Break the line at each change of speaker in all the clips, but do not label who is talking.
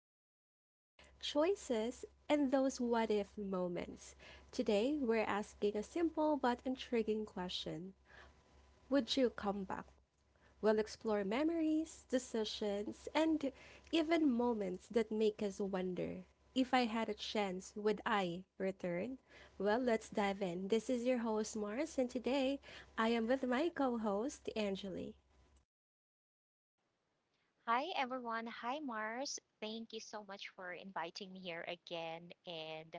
about life, choices, and those what if moments. Today, we're asking a simple but intriguing question. Would you come back? We'll explore memories, decisions, and even moments that make us wonder, if I had a chance, would I return? Well, let's dive in. This is your host, Mars, and today I am with my co host, Angeli.
Hi, everyone. Hi, Mars. Thank you so much for inviting me here again. And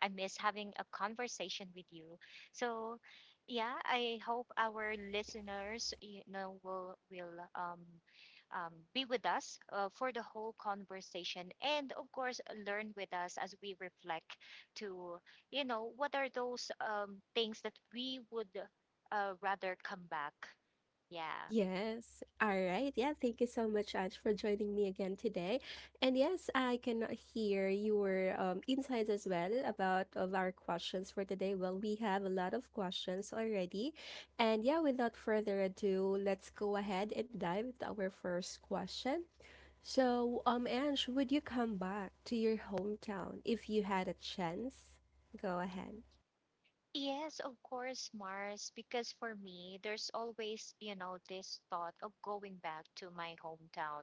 I miss having a conversation with you. So, yeah, I hope our listeners, you know, will be with us for the whole conversation, and of course, learn with us as we reflect to what are those things that we would rather come back. Yeah.
Yes. All right. Yeah. Thank you so much, Ange, for joining me again today. And yes, I can hear your insights as well about of our questions for today. Well, we have a lot of questions already. And yeah, without further ado, let's go ahead and dive into our first question. So, Ange, would you come back to your hometown if you had a chance? Go ahead.
Yes, of course, Mars, because for me, there's always, you know, this thought of going back to my hometown.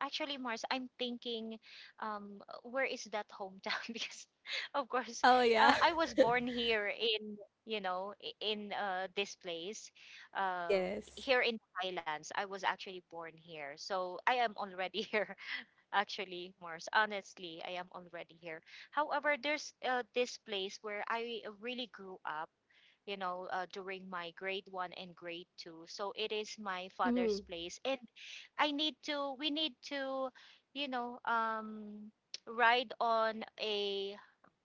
Actually, Mars, I'm thinking, where is that hometown? Because, of course,
Oh, yeah.
I was born here in, you know, I- in this place, uh,
Yes.
here in the Highlands. I was actually born here. So I am already here, actually, Mars. Honestly, I am already here. However, there's this place where I really grew up, you know, during my grade one and grade two. So it is my father's
Mm-hmm.
place. And we need to, you know, ride on a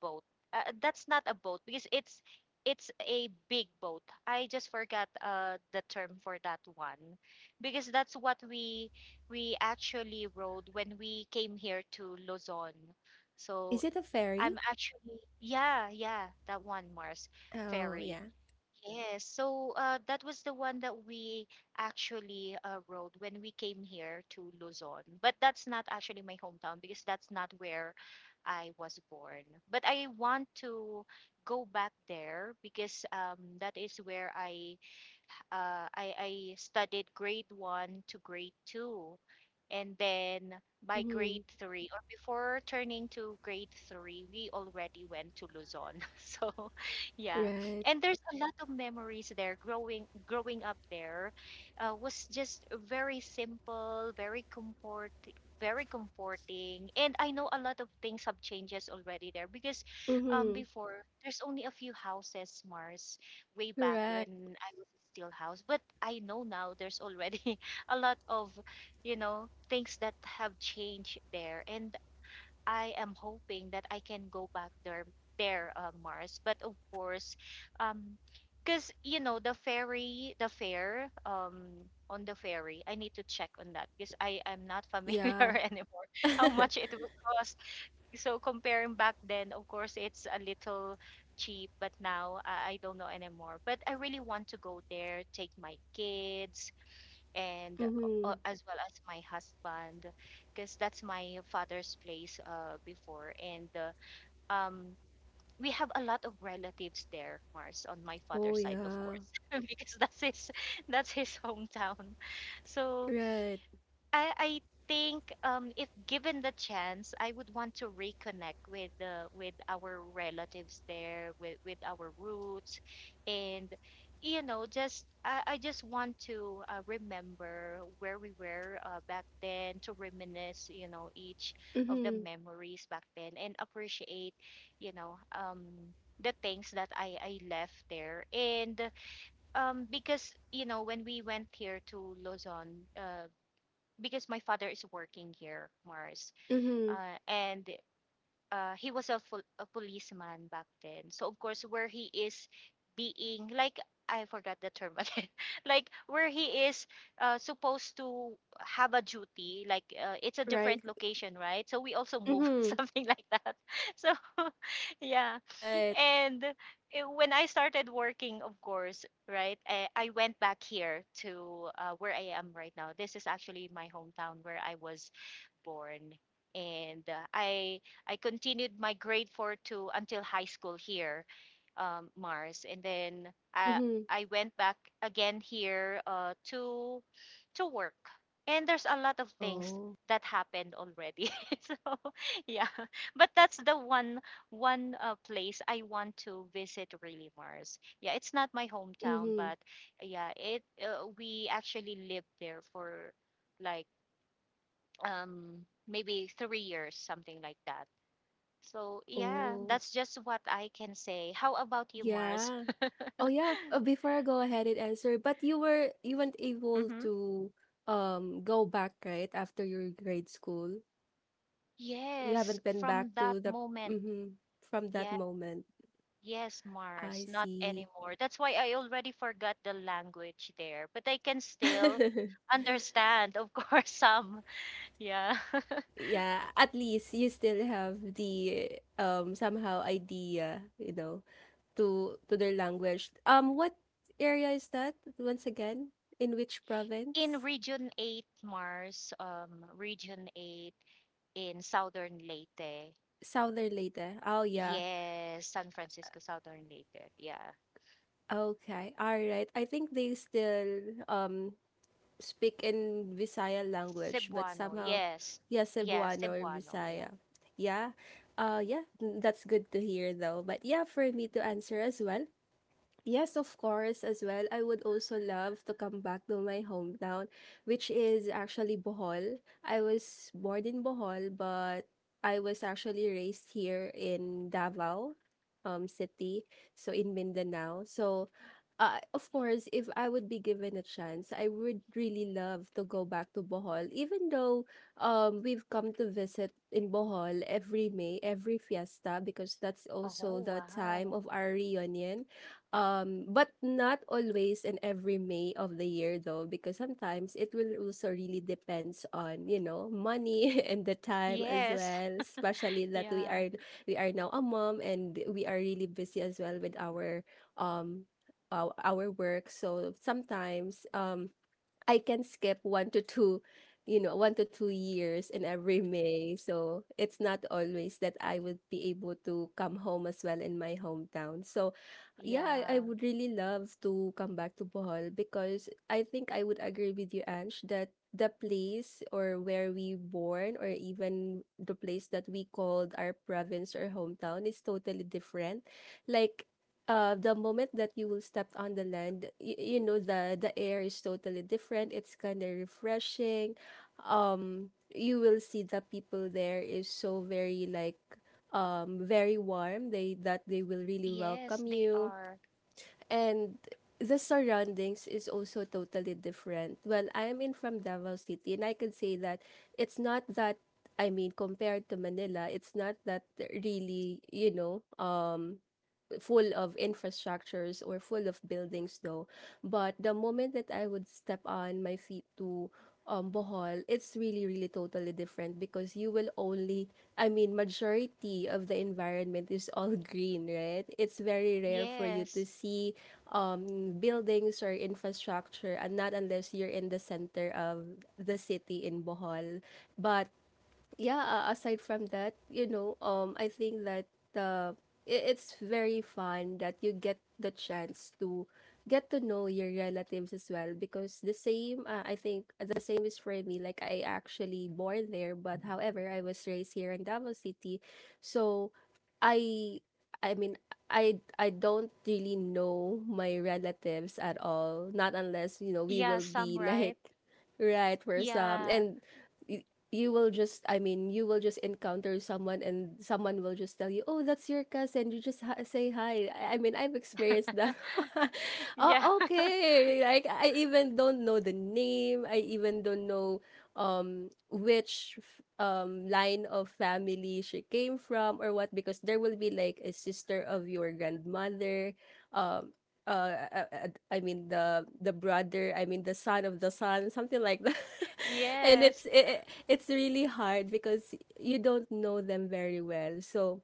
boat. That's not a boat because it's a big boat. I just forgot the term for that one because that's what we actually rode when we came here to Luzon. So
Is it a
I'm
ferry?
actually, yeah, that one, Mars,
Oh,
ferry.
yeah.
Yes, so that was the one that we actually rode when we came here to Luzon. But that's not actually my hometown because that's not where I was born. But I want to go back there because that is where I studied grade one to grade two. And then by
Mm-hmm.
grade three, or before turning to grade three, we already went to Luzon. So, yeah.
Right.
And there's a lot of memories there. Growing up there was just very simple, very comforting. And I know a lot of things have changes already there because um,
Mm-hmm.
before there's only a few houses, Mars, way back
Correct.
when I was still house. But I know now there's already a lot of, you know, things that have changed there. And I am hoping that I can go back there, Mars. But of course, um, because you know the ferry, the fare, on the ferry. I need to check on that because I am not
Yeah.
familiar anymore how much it will cost, so comparing back then, of course, it's a little cheap, but now I don't know anymore. But I really want to go there, take my kids, and
Mm-hmm.
as well as my husband, because that's my father's place before. And um, we have a lot of relatives there, Mars, on my
Oh,
father's side, of
yeah.
course, because that's his hometown. So
Right.
I think, if given the chance, I would want to reconnect with our relatives there, with our roots, and you know, I just want to remember where we were back then, to reminisce, you know, each of the
Mm-hmm.
memories back then, and appreciate, you know, the things that I left there. And um, because you know when we went here to Luzon, uh, because my father is working here, Mars,
Mm-hmm.
and he was a policeman back then. So of course, where he is being like, I forgot the term again, like where he is supposed to have a duty, like it's a
Right.
different location, right? So we also move
Mm-hmm.
something like that. So yeah,
Right.
and when I started working, of course, right, I went back here to where I am right now. This is actually my hometown where I was born. And I continued my grade four to until high school here, Mars, and then I
Mm-hmm.
I went back again here to work. And there's a lot of things
Oh.
that happened already. So yeah, but that's the one place I want to visit really, Mars. Yeah, it's not my hometown,
Mm-hmm.
but yeah, it we actually lived there for like, um, maybe 3 years, something like that. So yeah,
Oh.
that's just what I can say. How about you, Mars?
Yeah. Oh, yeah. Before I go ahead and answer, but you weren't able
Mm-hmm.
to go back, right? After your grade school. You
Yes,
haven't been
from
back
that
to the
moment.
mm-hmm, from that
Yeah.
moment.
Yes, Mars,
I
not
see.
anymore. That's why I already forgot the language there, but I can still understand of course, some. Yeah.
Yeah, at least you still have the somehow idea, to their language. What area is that once again? In which
In
province?
region 8, Mars. Um, region 8 in Southern Leyte.
Southern Leyte. Oh, yeah.
Yes, San Francisco, Southern Leyte. Yeah.
Okay. All right. I think they still speak in Visaya language, but
Cebuano,
somehow,
yes.
yeah,
Yeah,
Cebuano or
Cebuano, yeah.
Visaya. Yeah. Yeah, that's good to hear though. But yeah, for me to answer as well. Yes, of course, as well. I would also love to come back to my hometown, which is actually Bohol. I was born in Bohol, but I was actually raised here in Davao, city, so in Mindanao. So, of course, if I would be given a chance, I would really love to go back to Bohol, even though we've come to visit in Bohol every May, every fiesta, because that's also
Oh,
the time
wow.
of our reunion. But not always and every May of the year though, because sometimes it will also really depends on, you know, money and the time as
Yes.
well, especially that we
Yeah.
are we are now a mom and we are really busy as well with um our work. So sometimes I can skip 1 to 2 years in every May. So it's not always that I would be able to come home as well in my hometown. So yeah, I
Yeah.
would really love to come back to Bohol, because I think I would agree with you, Ange, that the place or where we born, or even the place that we called our province or hometown, is totally different. Like, the moment that you will step on the land, you know, the air is totally different, it's kind of refreshing. You will see the people there is so very, very warm, they that they will really
Yes,
welcome
they
you.
are.
And the surroundings is also totally different. Well, I am in from Davao city, and I can say that it's not that, I mean, compared to Manila, it's not that really, you know, full of infrastructures or full of buildings though. But the moment that I would step on my feet to Bohol, it's really, really totally different, because you will only, I mean, majority of the environment is all green, right? It's very rare for you
Yes.
to see buildings or infrastructure, and not unless you're in the center of the city in Bohol. But yeah, aside from that, you know, I think that, uh, it's very fun that you get the chance to get to know your relatives as well, because the same, I think the same is for me. Like, I actually born there, but however I was raised here in Davao city. So, i I mean I don't really know my relatives at all, not unless, you know, we
Yeah,
will be
some right.
like right for some.
Yeah.
And you will just, I mean you will just encounter someone, and someone will just tell you, oh, that's your cousin, you just ha- say hi. I mean, I've experienced that.
Yeah.
Oh, okay. Like, I even don't know the name, I even don't know which line of family she came from or what, because there will be like a sister of your grandmother. um uh, I mean, the brother, I mean, the son of the son, something like that. And it's
Yes.
it, it's really hard because you don't know them very well. So,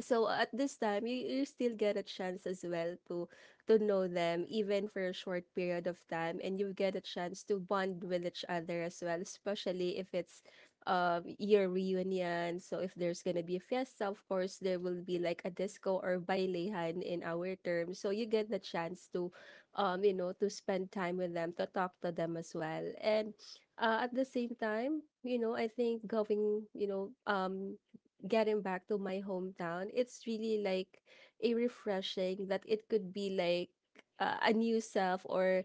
at this time, you still get a chance as well to know them, even for a short period of time, and you get a chance to bond with each other as well, especially if it's year reunion. So if there's gonna be a fiesta, of course there will be like a disco or bailehan in our term, so you get the chance to you know, to spend time with them, to talk to them as well. And at the same time, you know, I think going you know getting back to my hometown, it's really like a refreshing that it could be like, a new self, or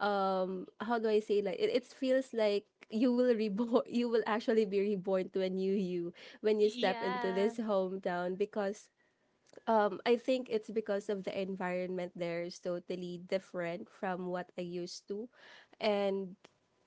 how do I say, like, it feels like you will reborn. You will actually be reborn to a new you when you step into
Yeah.
this hometown, because I think it's because of the environment there is totally different from what I used to. And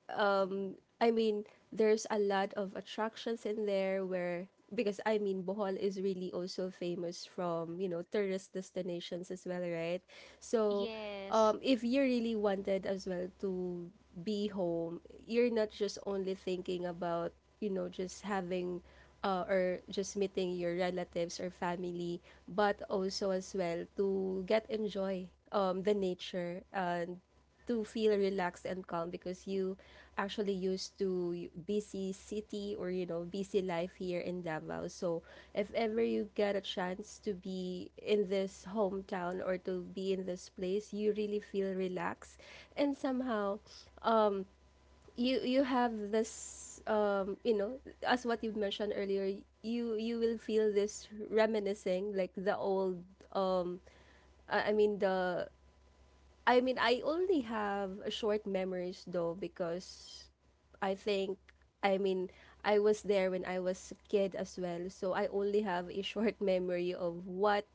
I mean, there's a lot of attractions in there, where, because I mean, Bohol is really also famous from, you know, tourist destinations as well, right? So
Yes.
if you really wanted as well to be home, you're not just only thinking about, you know, just having or just meeting your relatives or family, but also as well to get enjoy the nature, and to feel relaxed and calm, because you actually used to busy city, or you know, busy life here in Davao. So if ever you get a chance to be in this hometown, or to be in this place, you really feel relaxed, and somehow, um you, have this as what you mentioned earlier, you will feel this reminiscing, like the old, um I I mean the I mean, I only have short memories though, because I think, I mean, I was there when I was a kid as well, so I only have a short memory of what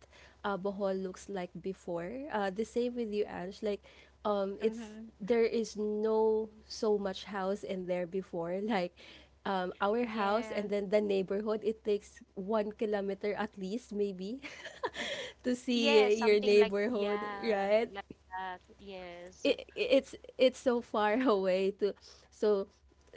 Bohol looks like before. The same with you, Ange. Like, it's
Hmm.
there is no so much house in there before. Like, our house
Yeah.
and then the neighborhood, it takes 1 kilometer at least, maybe, to
Yeah,
see your
something like
neighborhood,
yeah,
right?
like that. Yes.
It's so far away to, so,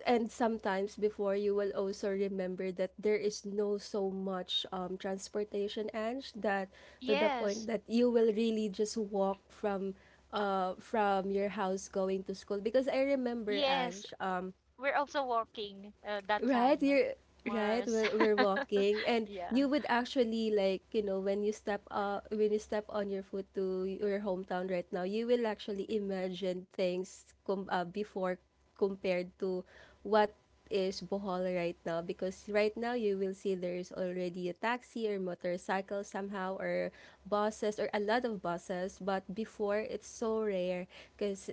and sometimes before you will also remember that there is no so much transportation, Ange, that, to the point
Yes.
that you will really just walk from, from your house going to school, because I remember,
Yes.
Ange,
We're also walking that
right,
time,
you're right.
Mars.
We're, we're walking, and you
Yeah.
would actually, like, you know, when you step, on your foot to your hometown right now, you will actually imagine things, before, compared to what is Bohol right now, because right now you will see there is already a taxi or motorcycle somehow, or buses, or a lot of buses, but before it's so rare, because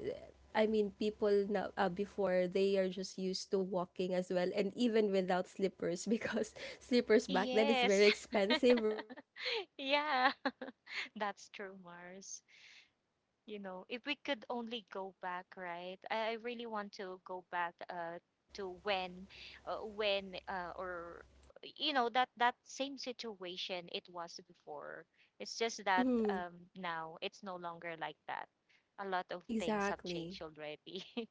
I mean, people now, before, they are just used to walking as well, and even without slippers, because slippers back then is
Yes.
very expensive, right? And
Yeah,
so,
that's
yeah,
true,
I
Mars.
I have that
You know,
memory
if we
still,
could
and
only go back, right? I really
correct.
want to go back to when or you know that same situation it was before. It's just that
Mm-hmm.
um, now it's no longer like that. A lot of things have changed
Exactly.
already.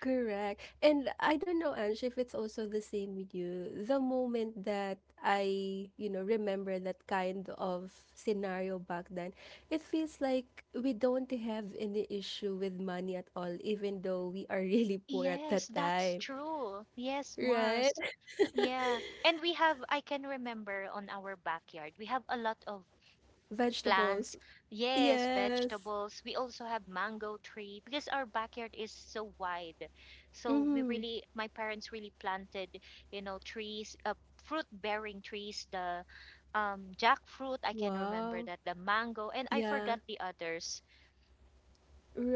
Correct. And I don't know, Ange, if it's also the same with you. The moment that I, you know, remember that kind of scenario back then, it feels like we don't have any issue with money at all, even though we are really poor at that
Yes, that's
time.
true. Yes,
Right?
Mars. Yeah. And we have, I can remember on our backyard, we have a lot of
Vegetables.
plants. Yes,
Yes.
vegetables. We also have mango tree because our backyard is so wide. So we
Mm-hmm.
really, my parents really planted, you know, trees, fruit bearing trees, the jackfruit, I can remember
Wow.
that, the mango, and I
Yeah.
forgot the others.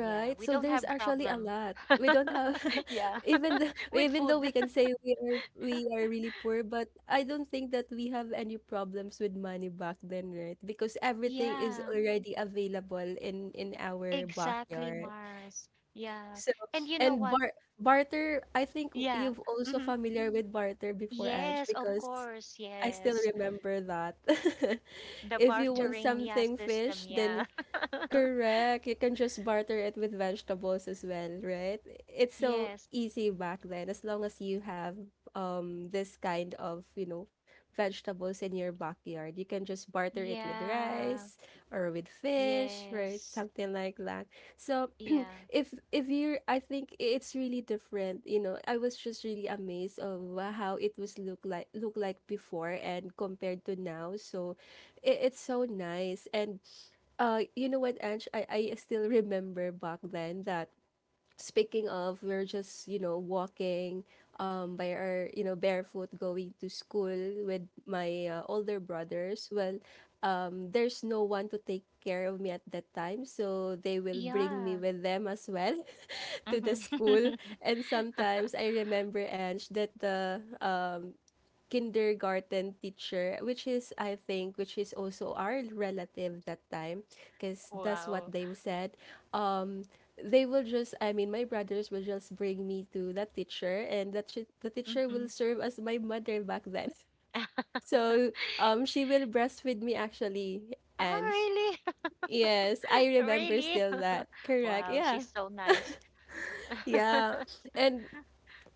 Yeah, we
So
don't
there's
have
actually a
problem.
lot. We don't have,
Yeah,
even the
with
even though we
food.
can say we are really poor, but I don't think that we have any problems with money back then, right? Because everything is
Yeah,
already available in our
exactly,
backyard.
Mars. Yeah.
So,
And you know
and
what?
barter, I think
Yeah.
you've also
Hmm.
familiar with barter before, Ange,
Yes, of
because
course.
I still
Yes.
remember that.
The
If you want
bartering, yeah,
something
system.
fish, then.
Yeah.
Correct. You can just barter it with vegetables as well, right? It's so
Yes.
easy back then as long as you have this kind of, you know, vegetables in your backyard. You can just barter it with
Yeah.
rice or with fish, right?
Yes.
Something like that. So
Yeah.
if you, I think it's really different, you know. I was just really amazed of how it was look like before and compared to now. So it's so nice. And you know what, Ange, I still remember back then that, speaking of, we're just, you know, walking by our, you know, barefoot, going to school with my older brothers. Well, there's no one to take care of me at that time, so they will bring me
Yeah.
with them as well to the
Hmm.
school. And sometimes I remember, Ange, that the kindergarten teacher, which is, I think, which is also our relative that time, because that's what
Wow.
they said. Um, they will just, I mean, my brothers will just bring me to that teacher, and the teacher will
Hmm.
serve as my mother back then. So, she will breastfeed me actually. And
Oh, really?
yes, I remember
Really?
still that. Correct,
Wow,
yeah,
she's so nice.
yeah. And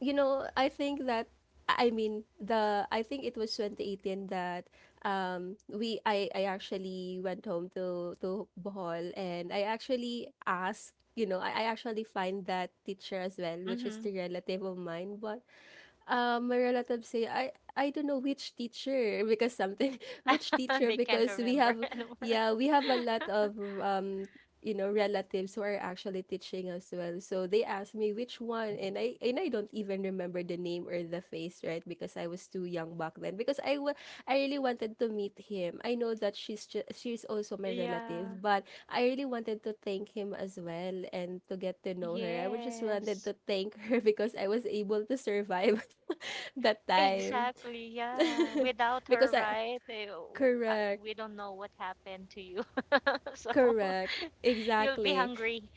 you know, I think that, I mean, the, I think it was 2018 that we, I actually went home to Bohol, and I actually asked, you know, I actually find that teacher as well, which is
Hmm.
the relative of mine. But my relatives say, I don't know which teacher, because something, which teacher,
They can't
because we
remember
have,
anymore.
yeah, we have a lot of you know, relatives who are actually teaching as well. So they asked me which one, and I don't even remember the name or the face, right? Because I was too young back then. I really wanted to meet him. I know that she's also my relative,
Yeah.
but I really wanted to thank him as well and to get to know her. I was just wanted
Yes.
to thank her because I was able to survive. That time,
Exactly. Yeah. Without
because
her,
I,
right?
correct,
We don't know what happened to you. So
correct,
you'll be
exactly,
hungry.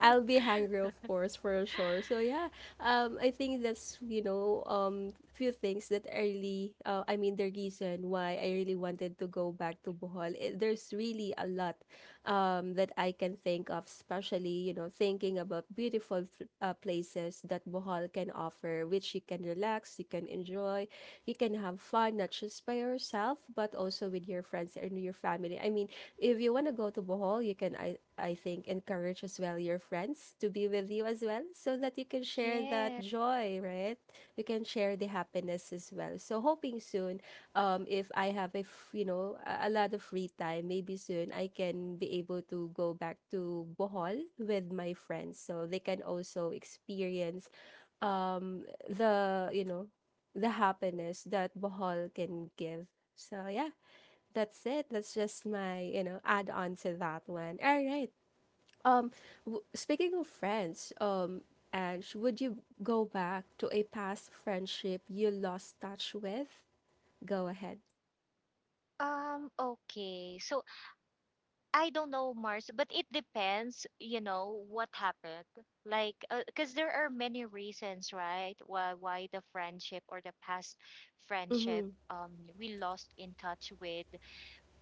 I'll be hungry, of course, for sure. So yeah, I think that's, you know, few things that I really I mean, the reason why I really wanted to go back to Bohol. It, there's really a lot, that I can think of, especially, you know, thinking about beautiful places that Bohol can offer, which you can relax, you can enjoy, you can have fun not just by yourself but also with your friends and your family. I mean, if you want to go to Bohol, you can, I think, encourage as well your friends to be with you as well so that you can share that
Yes.
joy, right? You can share the happiness as well. So hoping soon, if I have you know, a lot of free time, maybe soon I can be able to go back to Bohol with my friends so they can also experience the, you know, the happiness that Bohol can give. So yeah, that's it. That's just my, you know, add on to that one. All right. Um, speaking of friends, Ange, would you go back to a past friendship you lost touch with? Go ahead.
Okay. So I don't know, Mars, but it depends, you know, what happened. Like, because there are many reasons, right? Why the friendship or the past friendship,
Mm-hmm.
we lost in touch with,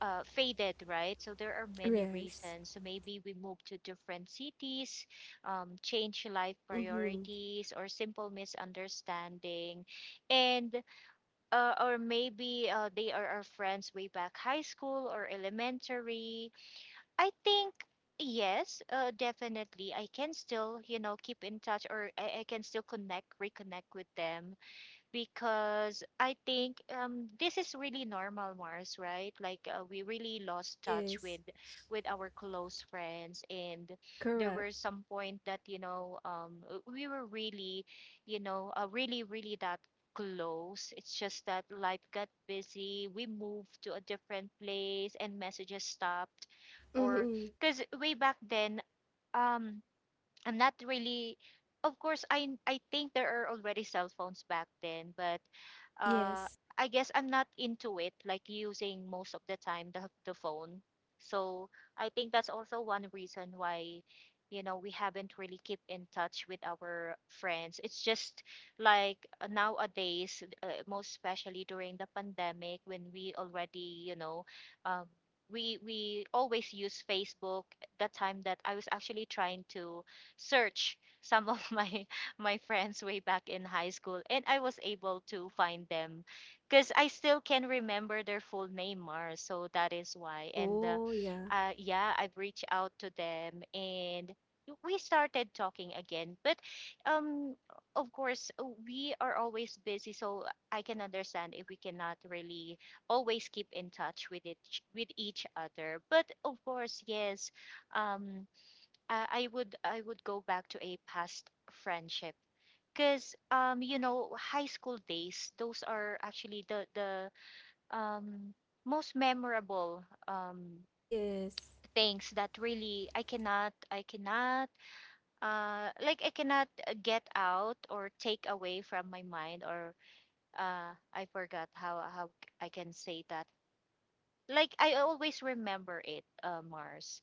faded, right? So there are many
Yes.
reasons. So maybe we moved to different cities, change life
Mm-hmm.
priorities, or simple misunderstanding. And or maybe they are our friends way back high school or elementary. I think, yes, definitely. I can still, you know, keep in touch or I can still connect, reconnect with them because I think this is really normal, Mars, right? Like we really lost touch
Yes.
with our close friends, and there
Correct.
were some point that you know we were really, you know, really, really that close. It's just that life got busy. We moved to a different place, and messages stopped, or
Mm-hmm.
because way back then, um I'm not really, of course I think there are already cell phones back then, but uh
Yes.
I guess I'm not into it, like using most of the time the phone. So I think that's also one reason why you know we haven't really keep in touch with our friends. It's just like nowadays, most especially during the pandemic when we already, you know, um, we always use Facebook. That time that I was actually trying to search some of my my friends way back in high school, and I was able to find them because I still can remember their full name, Mars, so that is why, and
Oh, yeah.
yeah, I've reached out to them and we started talking again. But um, of course we are always busy, so I can understand if we cannot really always keep in touch with it with each other. But of course, yes, um I would go back to a past friendship because um, you know, high school days, those are actually the um, most memorable um,
Yes.
things that really I cannot like I cannot get out or take away from my mind, or I forgot how I can say that, like I always remember it, Mars,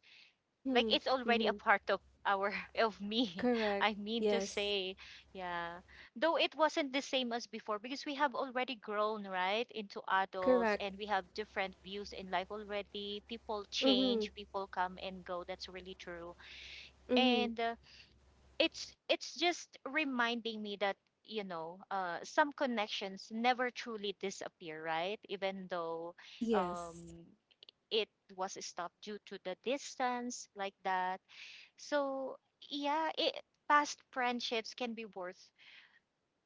like
Mm-hmm.
it's already a
Mm-hmm.
part of our of me,
Correct.
I mean to
Yes.
say. Yeah, though it wasn't the same as before because we have already grown, right, into adults,
Correct.
and we have different views in life already. People
Mm-hmm.
change, people come and go, that's really true.
Mm-hmm.
And it's just reminding me that you know, some connections never truly disappear, right, even though
Yes.
um, it was stopped due to the distance, like that. So yeah, it, past friendships can be worth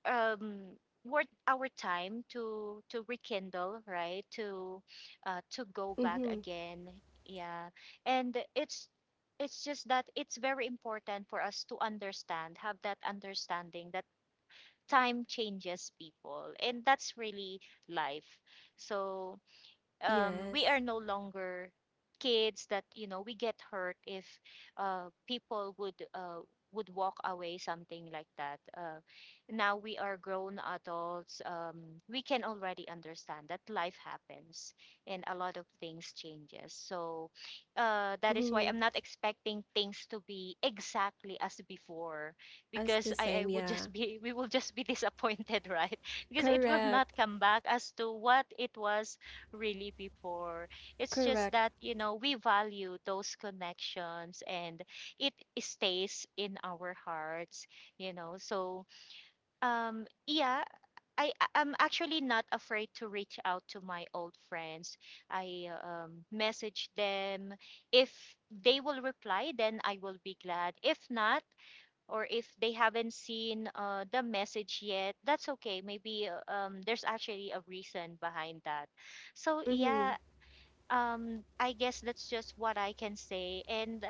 um, worth our time to rekindle, right? To go back
Mm-hmm.
again. Yeah. And it's just that it's very important for us to understand, have that understanding that time changes people, and that's really life. So we
Yes.
are no longer kids, that we get hurt if people would walk away, something like that. Now we are grown adults. We can already understand that life happens and a lot of things changes. So that is why
Mm-hmm.
I'm not expecting things to be exactly as before,
As
because
the
I
same,
would
yeah.
just be we will just be disappointed right? Because it will not
Correct.
come back as to what it was really before. It's just
Correct.
that, you know, we value those connections, and it stays in our hearts, you know. So, yeah, I'm actually not afraid to reach out to my old friends. I message them. If they will reply, then I will be glad. If not, or if they haven't seen the message yet, that's okay. Maybe there's actually a reason behind that. So
Mm-hmm.
yeah, um I guess that's just what I can say. And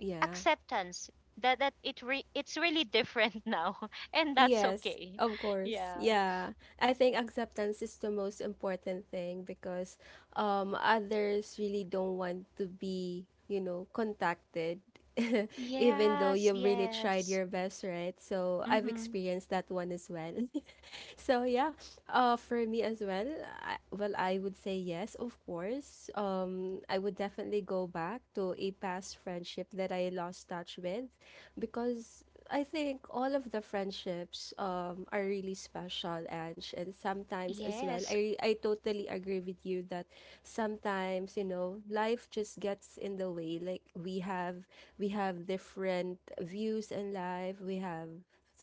Yeah.
acceptance that it's really different now, and that's
Yes,
okay.
of course.
Yeah.
Yeah. I think acceptance is the most important thing, because others really don't want to be, you know, contacted even though
Yes,
you've really tried
yes.
your best, right? So I've
Mhm.
experienced that one as well. So yeah, for me as well, I would say yes, of course. I would definitely go back to a past friendship that I lost touch with, because I think all of the friendships are really special, Ange, and sometimes as well.
Yes,
I totally agree with you that sometimes, you know, life just gets in the way. Like we have different views in life. We have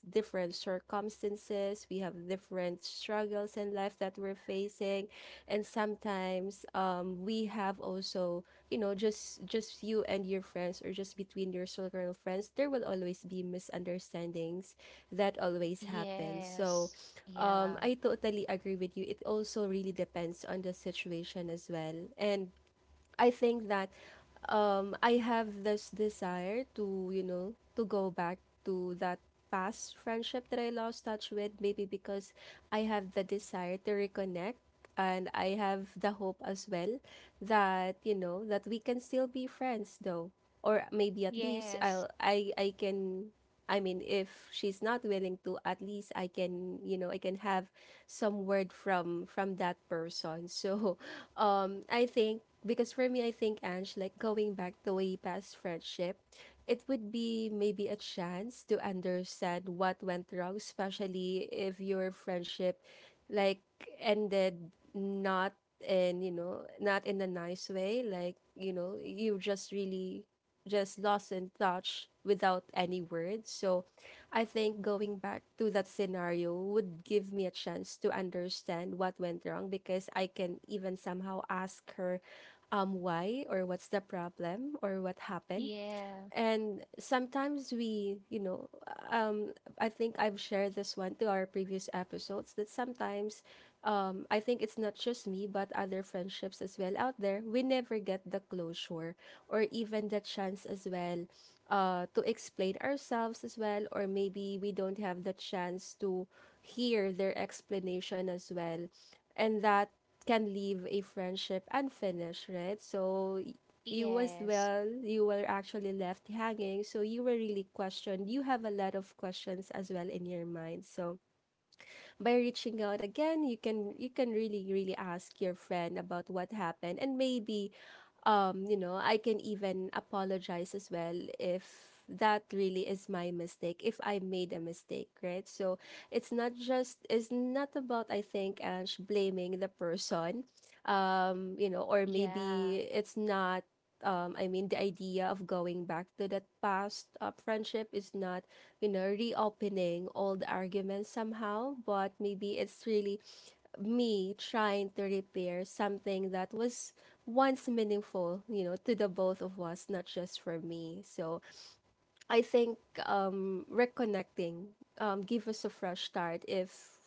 different circumstances, we have different struggles in life that we're facing. And sometimes we have also, you know, just you and your friends, or just between your circle of friends, there will always be misunderstandings that always happen. So,
yes. Yeah.
I totally agree with you. It also really depends on the situation as well. And I think that I have this desire to, you know, to go back to that past friendship that I lost touch with, maybe because I have the desire to reconnect, and I have the hope as well that, you know, that we can still be friends though. Or maybe at least
Yes.
I can, I mean, if she's not willing to, at least I can, you know, I can have some word from that person. So I think, because for me, I think, Ange, like going back to way past friendship, it would be maybe a chance to understand what went wrong, especially if your friendship, like, ended, not in, you know, not in a nice way, like, you know, you just really just lost in touch without any words. So I think going back to that scenario would give me a chance to understand what went wrong, because I can even somehow ask her why, or what's the problem, or what happened.
Yeah.
And sometimes we, you know, um I think I've shared this one to our previous episodes that sometimes I think it's not just me, but other friendships as well out there, we never get the closure or even the chance as well to explain ourselves as well, or maybe we don't have the chance to hear their explanation as well. And that can leave a friendship unfinished, right? So you as
Yes.
well, you were actually left hanging. So you were really questioned. You have a lot of questions as well in your mind. So by reaching out again, you can, you can really really ask your friend about what happened, and maybe you know, I can even apologize as well if that really is my mistake, if I made a mistake, right? So it's not just, it's not about, I think, Ange, blaming the person, you know, or
Yeah.
maybe it's not. I mean, the idea of going back to that past friendship is not, you know, reopening old arguments somehow, but maybe it's really me trying to repair something that was once meaningful, you know, to the both of us, not just for me. So I think reconnecting give us a fresh start, if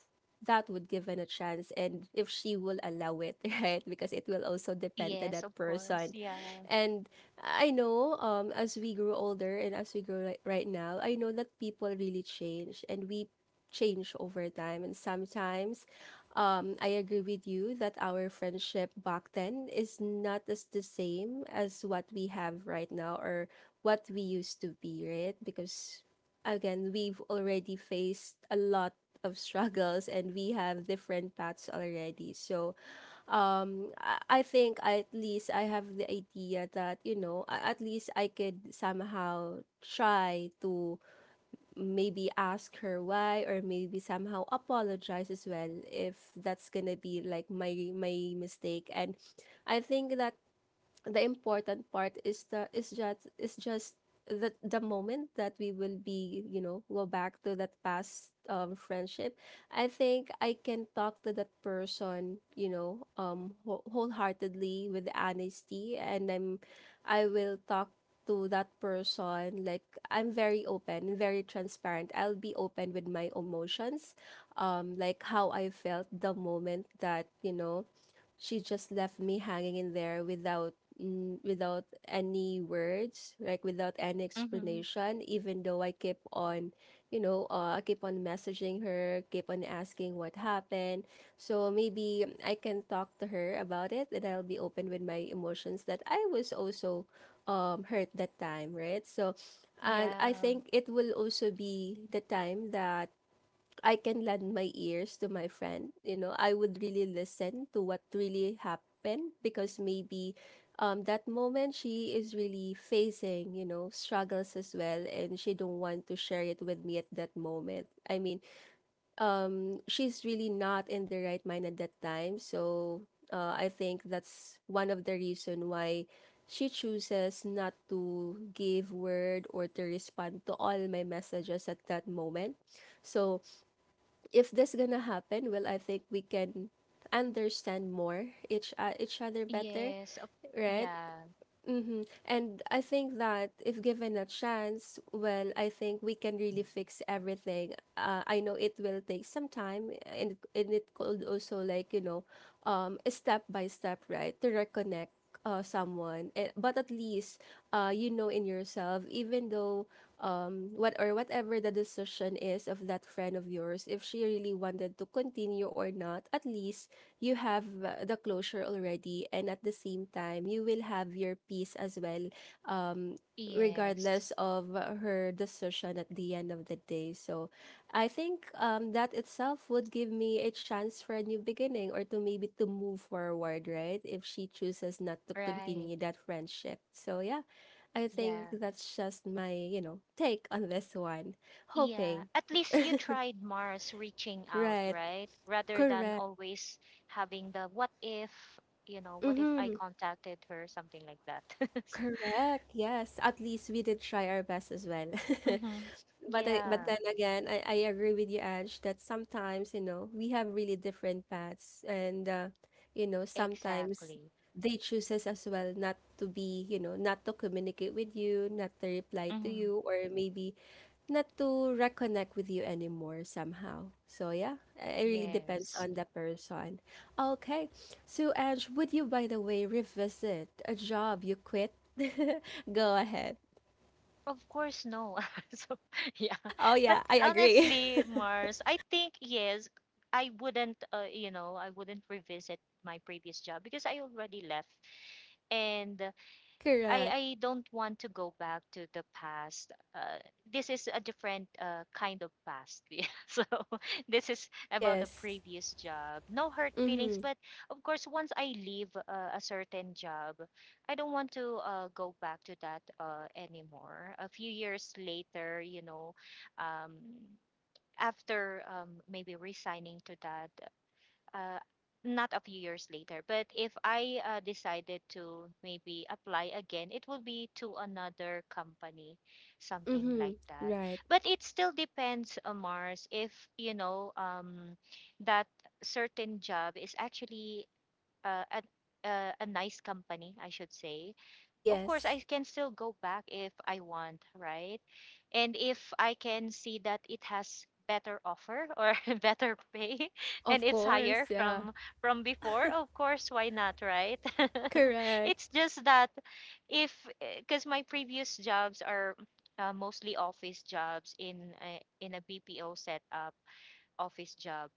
that would give it a chance and if she will allow it, right? Because it will also depend to
Yes, of
that
course,
person.
yeah.
And I know as we grow older and as we grow right, right now, I know that people really change, and we change over time. And sometimes I agree with you that our friendship back then is not as the same as what we have right now, or what we used to be, right? Because again, we've already faced a lot of struggles, and we have different paths already. So, I think at least I have the idea that, you know, at least I could somehow try to maybe ask her why, or maybe somehow apologize as well if that's gonna be like my mistake. And I think that the important part is the is just the moment that we will be, you know, go back to that past friendship. I think I can talk to that person, you know, wholeheartedly, with honesty. And I will talk to that person like I'm very open, very transparent. I'll be open with my emotions, like how I felt the moment that, you know, she just left me hanging in there without, without any words, like without any
Mhm.
explanation, even though I keep on, you know, I keep on messaging her, keep on asking what happened. So maybe I can talk to her about it, and I'll be open with my emotions, that I was also hurt that time, right? So and I
Yeah.
think it will also be the time that I can lend my ears to my friend. You know, I would really listen to what really happened, because maybe that moment she is really facing, you know, struggles as well, and she don't want to share it with me at that moment. I mean, she's really not in the right mind at that time, so I think that's one of the reason why she chooses not to give word or to respond to all my messages at that moment. So if this gonna happen, well, I think we can understand more each other better,
Yes of.
right?
Yeah.
Mm-hmm. And I think that if given a chance, well, I think we can really fix everything. I know it will take some time, and it could also like. Step by step, right, to reconnect someone. But at least, in yourself, even though what or whatever the decision is of that friend of yours, if she really wanted to continue or not, at least you have the closure already, and at the same time you will have your peace as well
Yes.
regardless of her decision at the end of the day. So I think that itself would give me a chance for a new beginning, or to maybe to move forward, right? If she chooses not to
Right.
continue that friendship. So yeah, I think
Yeah.
that's just my take on this one.
Yeah,
Hoping.
at least you tried, Mars, reaching out,
Right.
right? Rather than
Correct.
always having the what if, you know, what if I
Mm-hmm.
contacted her, something like that.
Correct. Yes. At least we did try our best as well.
Mm-hmm.
But
Yeah,
then again, I agree with you, Ash, that sometimes we have really different paths, and sometimes
exactly.
they chooses as well not to be, you know, not to communicate with you, not to reply to
Mm-hmm.
you, or maybe not to reconnect with you anymore somehow. So yeah, it really depends
Yes.
on the person. Okay. So Ange, would you, by the way, revisit a job you quit? Go ahead.
Of course, no. So, yeah.
Oh
But
yeah, I agree.
honestly, Mars, I think, yes, I wouldn't, you know, I wouldn't revisit my previous job because I already left. And I
Correct.
I don't want to go back to the past. This is a different kind of past. Yeah. So this is about a
Yes.
previous job. No hurt feelings,
Mhm.
but of course, once I leave a certain job, I don't want to go back to that anymore. A few years later, you know, um, after maybe resigning to that uh, not a few years later. But if I decided to maybe apply again, it will be to another company, something
Mhm.
like that.
Right.
But it still depends on Mars if, you know, that certain job is actually a nice company, I should say. Of course,
Yes.
I can still go back if I want, right? And if I can see that it has better offer or better pay and
Of
it's
course,
higher
yeah.
from before, of course, why not, right? It's
Correct.
just that if, because my previous jobs are mostly office jobs in a BPO setup office job.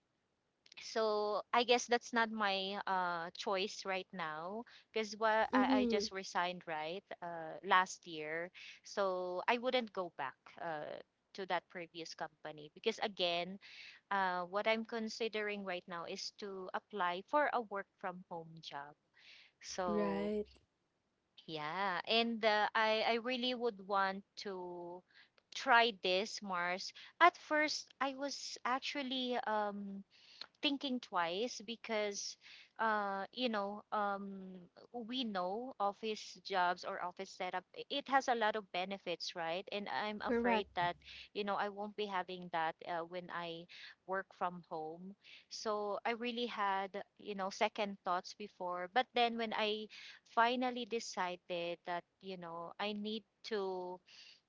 So I guess that's not my choice right now because I
Mhm.
just resigned right last year. So I wouldn't go back uh, to that previous company, because again, what I'm considering right now is to apply for a work from home job. So
Right.
yeah, and uh, I really would want to try this, Mars. At first, I was actually thinking twice because uh you know um we know office jobs or office setup, it has a lot of benefits, right? And I'm afraid
Correct.
that, you know, I won't be having that when I work from home. So I really had, you know, second thoughts before. But then when I finally decided that, you know, I need to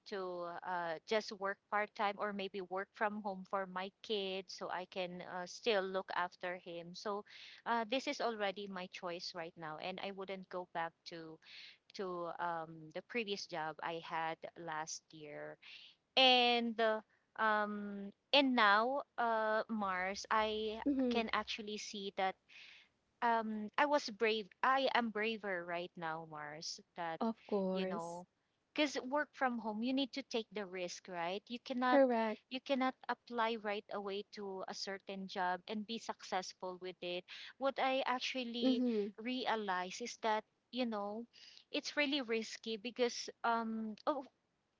just work part time or maybe work from home for my kid so I can still look after him. So this is already my choice right now, and I wouldn't go back to the previous job I had last year. And uh, and now, Mars, I
Mhm.
can actually see that I was brave. I am braver right now, Mars, that,
Of
you
course.
know, because work from home, you need to take the risk, right? You cannot
Correct.
apply right away to a certain job and be successful with it. What I actually
Mhm.
realize is that, you know, it's really risky because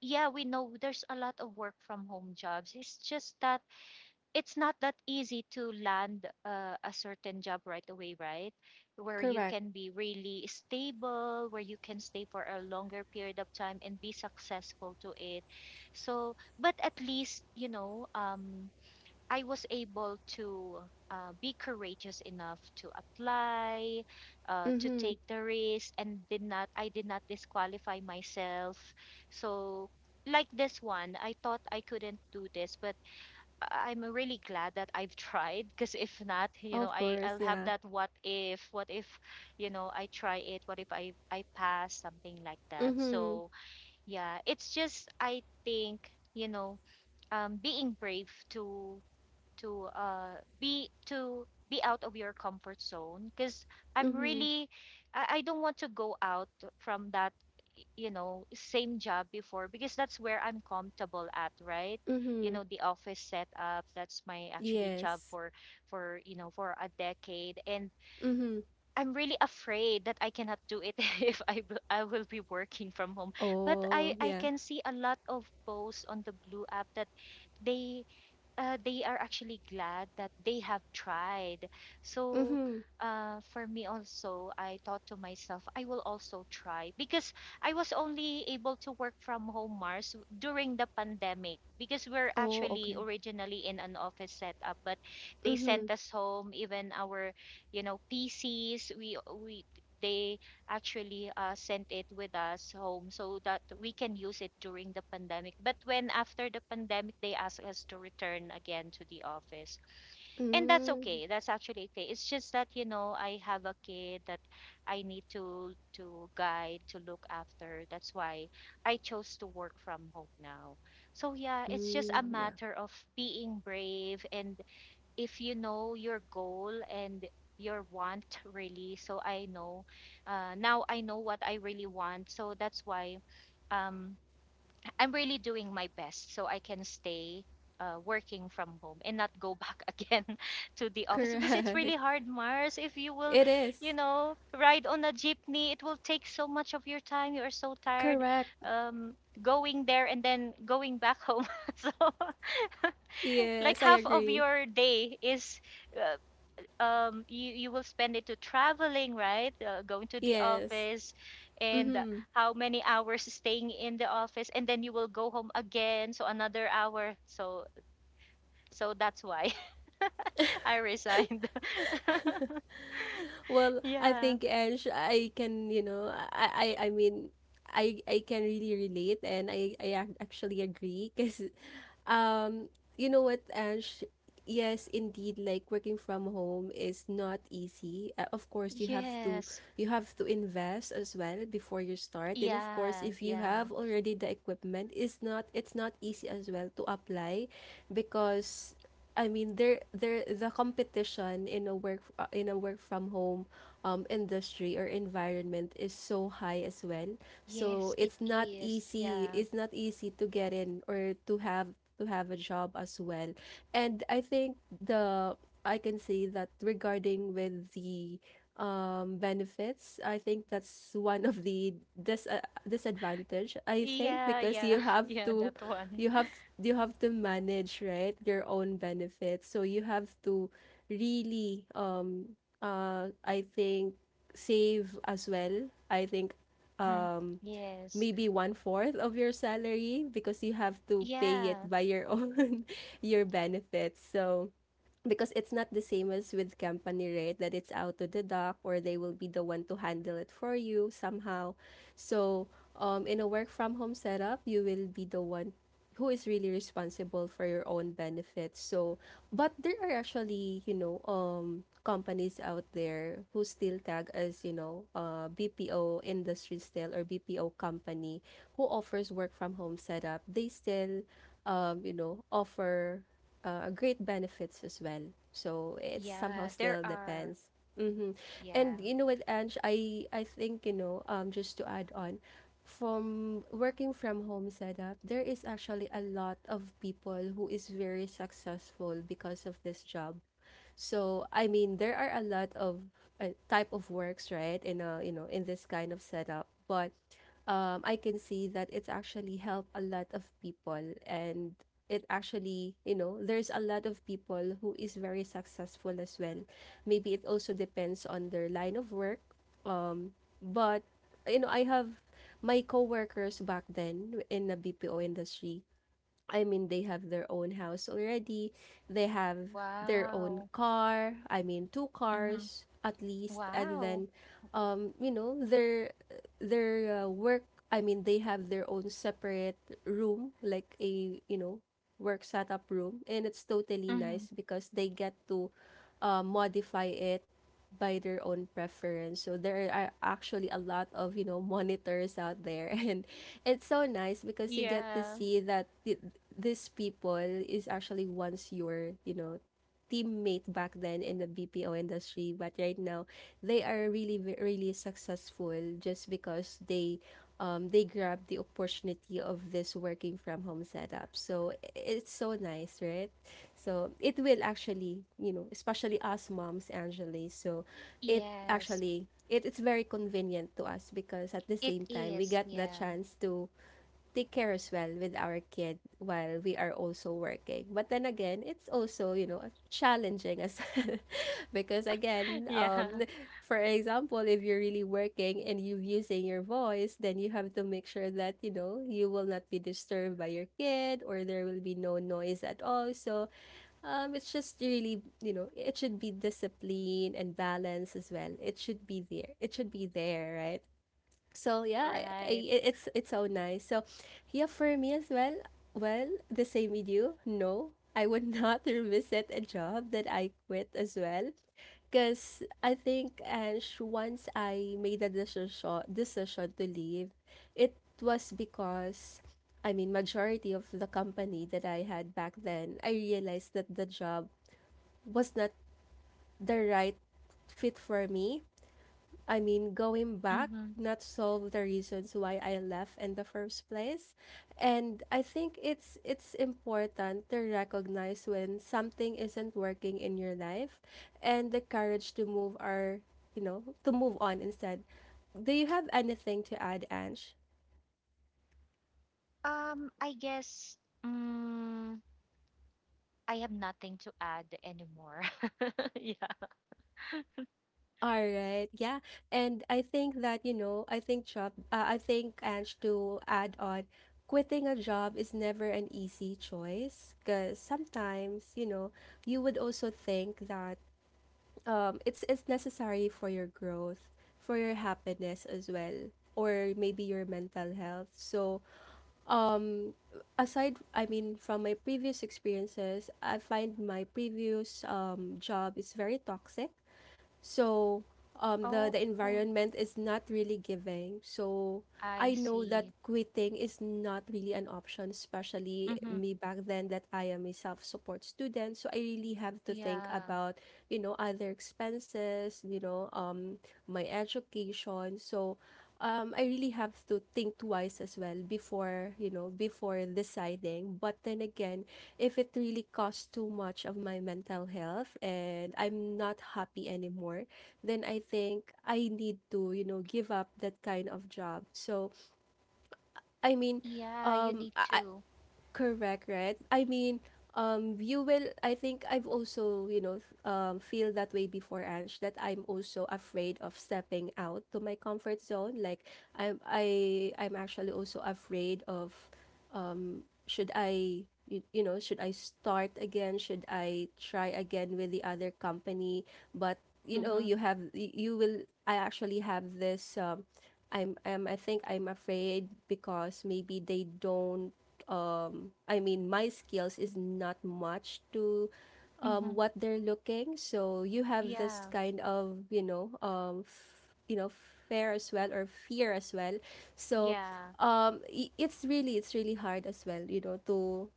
yeah, we know there's a lot of work from home jobs. It's just that it's not that easy to land a certain job right away, right? Where you
Correct.
can be really stable, where you can stay for a longer period of time and be successful to it. So, but at least, you know, I was able to be courageous enough to apply, to
Mhm.
take the risk, and did not, I did not disqualify myself. So, like this one, I thought I couldn't do this, but I'm really glad that I've tried, because if not, you know,
Of
I
course,
I'll have
yeah.
that what if, you know, I try it, what if I pass, something like that.
Mhm.
So, yeah, it's just, I think, you know, um, being brave to be out of your comfort zone, because I'm
Mhm.
really, I don't want to go out from that you know same job before, because that's where I'm comfortable at, right? You
Mhm.
know, the office setup, that's my actually job
Yes.
for, you know, for a decade. And
Mhm.
I'm really afraid that I cannot do it if I will be working from home. But
Oh,
I
yeah.
can see a lot of posts on the blue app that they they are actually glad that they have tried. So,
Mhm.
for me also, I thought to myself, I will also try, because I was only able to work from home, Mars, during the pandemic, because we're
Oh,
actually
okay.
originally in an office setup, but they
Mhm.
sent us home, even our, you know, PCs, we they actually sent it with us home so that we can use it during the pandemic. But when after the pandemic, they asked us to return again to the office. And that's
Mm.
okay. That's actually okay. It's just that, you know, I have a kid that I need to guide, to look after. That's why I chose to work from home now. So yeah, it's just a
Mm, yeah.
matter of being brave, and if you know your goal and your want really, so I know, now I know what I really want, so that's why, um, I'm really doing my best so I can stay working from home and not go back again to the office, because it's really
Correct.
hard, Mars, if you will,
It
you
is.
know, ride on a jeepney, it will take so much of your time, you are so tired,
Correct.
um, going there and then going back home so like
Yes, I
half of
agree.
your day is uh, you will spend it to traveling, right? Going to the
Yes.
office and
Mm-hmm.
how many hours staying in the office, and then you will go home again, so another hour. So so that's why I resigned.
Well, I
Yeah.
think Ange, I can, you know, I mean, I can really relate, and I ac- actually agree because Um, you know what, Ange? Yes, indeed, like working from home is not easy. Of course,
Yes.
you have to invest as well before you start. And of course,
Yeah.
if you
Yeah.
have already the equipment, it's not easy as well to apply because I mean there the competition in a work from home industry or environment is so high as well. So
Yes, it
it's not
is,
easy.
yeah.
It's not easy to get in, or to have a job as well. And I think the I can say that regarding with the benefits, I think that's one of the disadvantage. I think
Yeah.
because
Yeah. Yeah, that one.
you have you have to manage, right, your own benefits. So you have to really I think save as well. I think
Hmm.
um
Yes.
maybe one fourth of your salary because you have to pay it
Yeah.
by your own your benefits. So because it's not the same as with company, right, that it's out to the dock, or they will be the one to handle it for you somehow. So in a work from home setup, you will be the one who is really responsible for your own benefits. So but there are actually, you know, companies out there who still tag as, you know, BPO industry still, or BPO company, who offers work from home setup. They still you know offer great benefits as well. So it somehow
Yeah, there
still
are.
depends. Hmm.
Yeah.
And you know what, Ange, I think you know just to add on, from working from home setup, there is actually a lot of people who is very successful because of this job. So, I mean, there are a lot of type of works, right? In a, you know, in this kind of setup, but I can see that it's actually helped a lot of people, and it actually, you know, there's a lot of people who is very successful as well. Maybe it also depends on their line of work, but you know, I have my coworkers back then in the BPO industry. I mean, they have their own house already. They have their own
Wow.
car. I mean, two
Mm-hmm.
cars at least. And
Wow.
then, you know, they're their work I mean they have their own separate room, like a you know work setup room, and it's totally
Mm-hmm.
nice because they get to modify it by their own preference. So there are actually a lot of you know monitors out there and it's so nice because you get to
Yeah.
see that these people is actually wants your you know teammate back then in the BPO industry, but right now they are really really successful just because they grab the opportunity of this working from home setup. So it's so nice, right? So it will actually, you know, especially us moms, Angeli. So it
Yes.
actually it, it's very convenient to us because at the
It
same time we
is.
got the
Yeah.
chance to take care as well with our kid while we are also working. But then again, it's also, you know, challenging as well. Because again,
Yeah.
for example, if you're really working and you're using your voice, then you have to make sure that, you know, you will not be disturbed by your kid, or there will be no noise at all. So it's just really, you know, it should be discipline and balance as well. It should be there. It should be there, right? So yeah,
Right.
it's so nice. So yeah, for me as well. Well, the same with you. No, I would not revisit a job that I quit as well, because I think Ange, once I made a decision to leave, it was because. I mean, majority of the company that I had back then, I realized that the job was not the right fit for me. I mean, going back,
Mm-hmm.
not solve the reasons why I left in the first place. And I think it's important to recognize when something isn't working in your life, and the courage to move are you know, to move on instead. Do you have anything to add, Ange?
I guess, mm, I have nothing to add anymore. Yeah.
All right. Yeah. And I think that, you know, I think job, I think, Ange, to add on, quitting a job is never an easy choice because sometimes, you know, you would also think that it's necessary for your growth, for your happiness as well, or maybe your mental health. So, um, aside, I mean, from my previous experiences, I find my previous job is very toxic. So the
Oh.
environment
Mm-hmm.
is not really giving. So I
I
know that
see.
quitting is not really an option, especially
Mm-hmm.
me back then that I am a self-support student. So I really have to think
Yeah.
about, you know, other expenses, you know, my education. So I really have to think twice as well before, you know, before deciding. But then again, if it really costs too much of my mental health and I'm not happy anymore, then I think I need to, you know, give up that kind of job. So, I mean,
Yeah, you
um,
need
I,
to.
Correct, right? I mean, you will. I think I've also, you know, feel that way before, Ange. That I'm also afraid of stepping out to my comfort zone. Like I'm actually also afraid of, should I, you know, should I start again? Should I try again with the other company? But you know,
Mm-hmm.
you have, you will. I actually have this. I think I'm afraid because maybe they don't I mean, my skills is not much to
Mm-hmm.
what they're looking. So you have this
Yeah.
kind of, you know, you know, fear as well, or fear as well. So
Yeah.
it's really hard as well, you know, to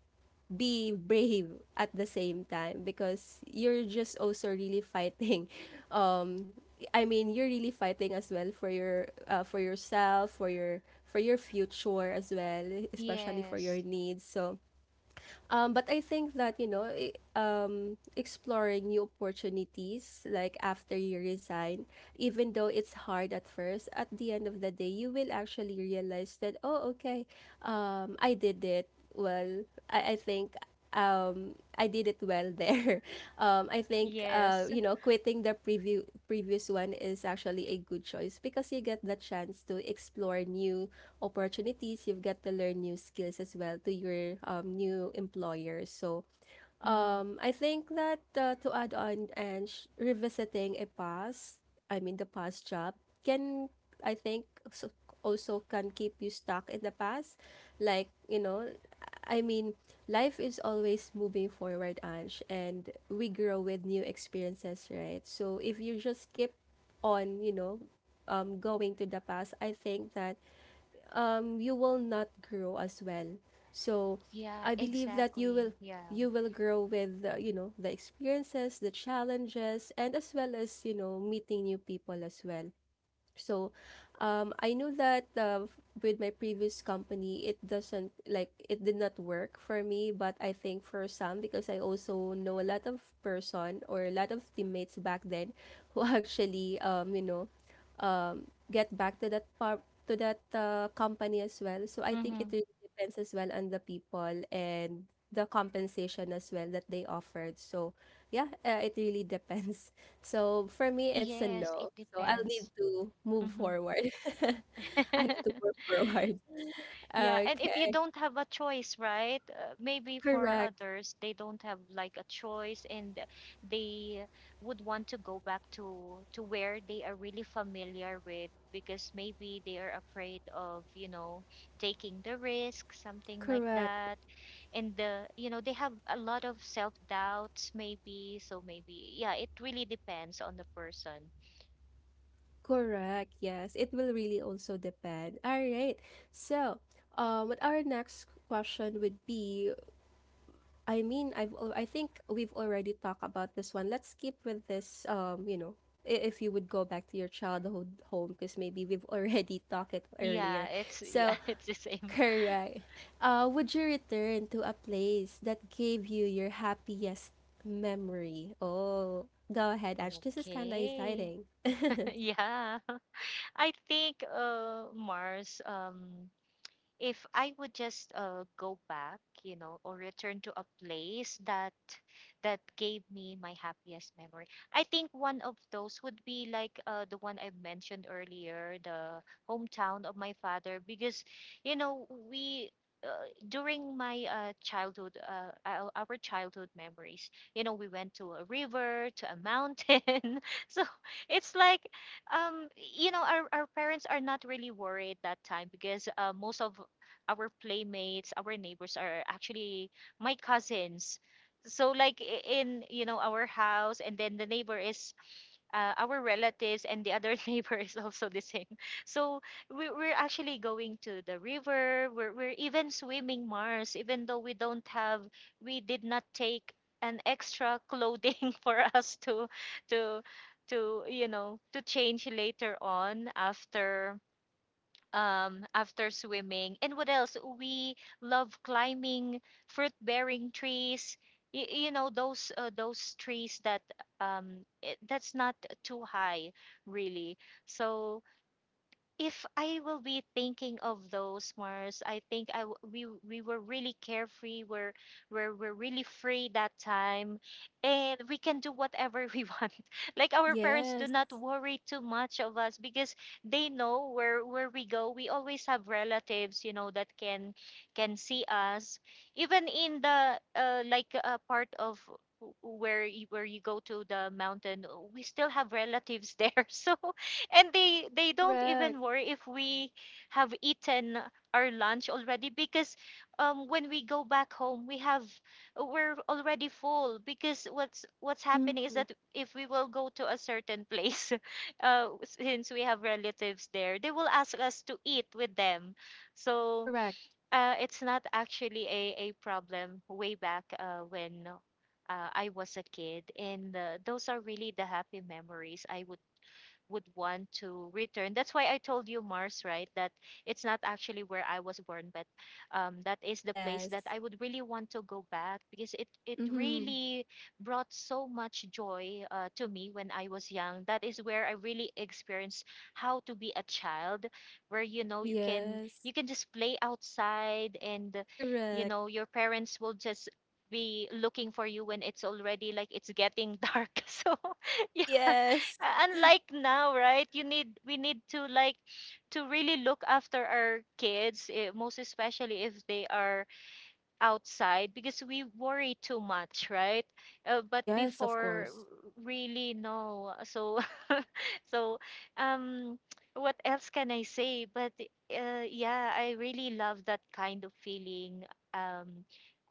be brave at the same time because you're just also really fighting. Um, I mean, you're really fighting as well for your, for yourself, for your future as well, especially for your
Yes.
needs. So but I think that, you know, exploring new opportunities, like after you resign, even though it's hard at first, at the end of the day, you will actually realize that, oh, okay, I did it. Well, I think I did it well there. I think
Yes.
you know, quitting the preview previous one is actually a good choice because you get the chance to explore new opportunities. You've got to learn new skills as well to your new employer. So
Mm-hmm.
I think that to add on, and revisiting a past, I mean the past job can I think so- also can keep you stuck in the past. Like, you know, I mean, life is always moving forward, Ange, and we grow with new experiences, right? So if you just keep on, you know, going to the past, I think that you will not grow as well. So
Yeah,
I believe that you
exactly.
will
Yeah.
you will grow with you know the experiences, the challenges, and as well as you know meeting new people as well. So, I know that with my previous company, it doesn't like it did not work for me, but I think for some, because I also know a lot of person or a lot of teammates back then who get back to that part to that company as well. So I think it
Mhm.
really depends as well on the people and the compensation as well that they offered. So yeah, it really depends. So for me, it's a
Yes,
no.
it
So I'll need
depends.
to move
Mhm.
forward. I need to move forward.
Yeah, and if you
Okay.
don't have a choice, right? Maybe for
Correct.
others, they don't have like a choice, and they would want to go back to where they are really familiar with, because maybe they are afraid of, you know, taking the risk, something like
Correct.
that. And, the, you know, they have a lot of self-doubts maybe, so maybe yeah, it really depends on the person.
Correct. Yes. It will really also depend. All right. So, what our next question would be, I think we've already talked about this one. Let's keep with this, if you would go back to your childhood home, because maybe we've already talked it
Yeah,
earlier.
it's yeah,
So,
it's the same.
correct. Would you return to a place that gave you your happiest memory? Oh, go ahead, Ash. This is kind of
Okay.
exciting.
Yeah. I think, uh, Mars, um, if I would just go back, you know, or return to a place that gave me my happiest memory, I think one of those would be like the one I mentioned earlier, the hometown of my father, because, you know, we. Uh, during my childhood, our childhood memories, you know, we went to a river, to a mountain. So it's like, um, you know, our parents are not really worried that time, because most of our playmates, our neighbors, are actually my cousins. So like, in, you know, our house, and then the neighbor is our relatives, and the other neighbor is also the same. So we're actually going to the river. We're even swimming, Mars, even though we don't have, we did not take an extra clothing for us to to you know, to change later on after after swimming. And what else? We love climbing fruit-bearing trees. You know those trees that that's not too high, really. So if I will be thinking of those Mars, I think I w- we were really carefree. We're really free that time, and we can do whatever we want. Like our parents do
Yes,
not worry too much of us because they know where we go. We always have relatives, that can see us, even in the like part of where you go to the mountain. We still have relatives there, so and they don't
correct.
even worry if we have eaten our lunch already because when we go back home we're already full because what's happening is
Mm-hmm.
that if we will go to a certain place, since we have relatives there, they will ask us to eat with them. So
Correct.
it's not actually a problem way back when I was a kid, and those are really the happy memories I would want to return. That's why I told you Mars, right? That it's not actually where I was born, but that is the place
Yes.
that I would really want to go back because it
Mm-hmm.
really brought so much joy, to me when I was young. That is where I really experienced how to be a child, where, you know,
Yes.
you can just play outside. And you
Correct.
know, your parents will just be looking for you when it's already like it's getting dark. So yeah.
Yes.
Unlike now, right? You need We need to like to really look after our kids, eh, most especially if they are outside because we worry too much, right? But
Yes, of
before,
course.
really, no. So, so, um, what else can I say? But yeah, I really love that kind of feeling. Um,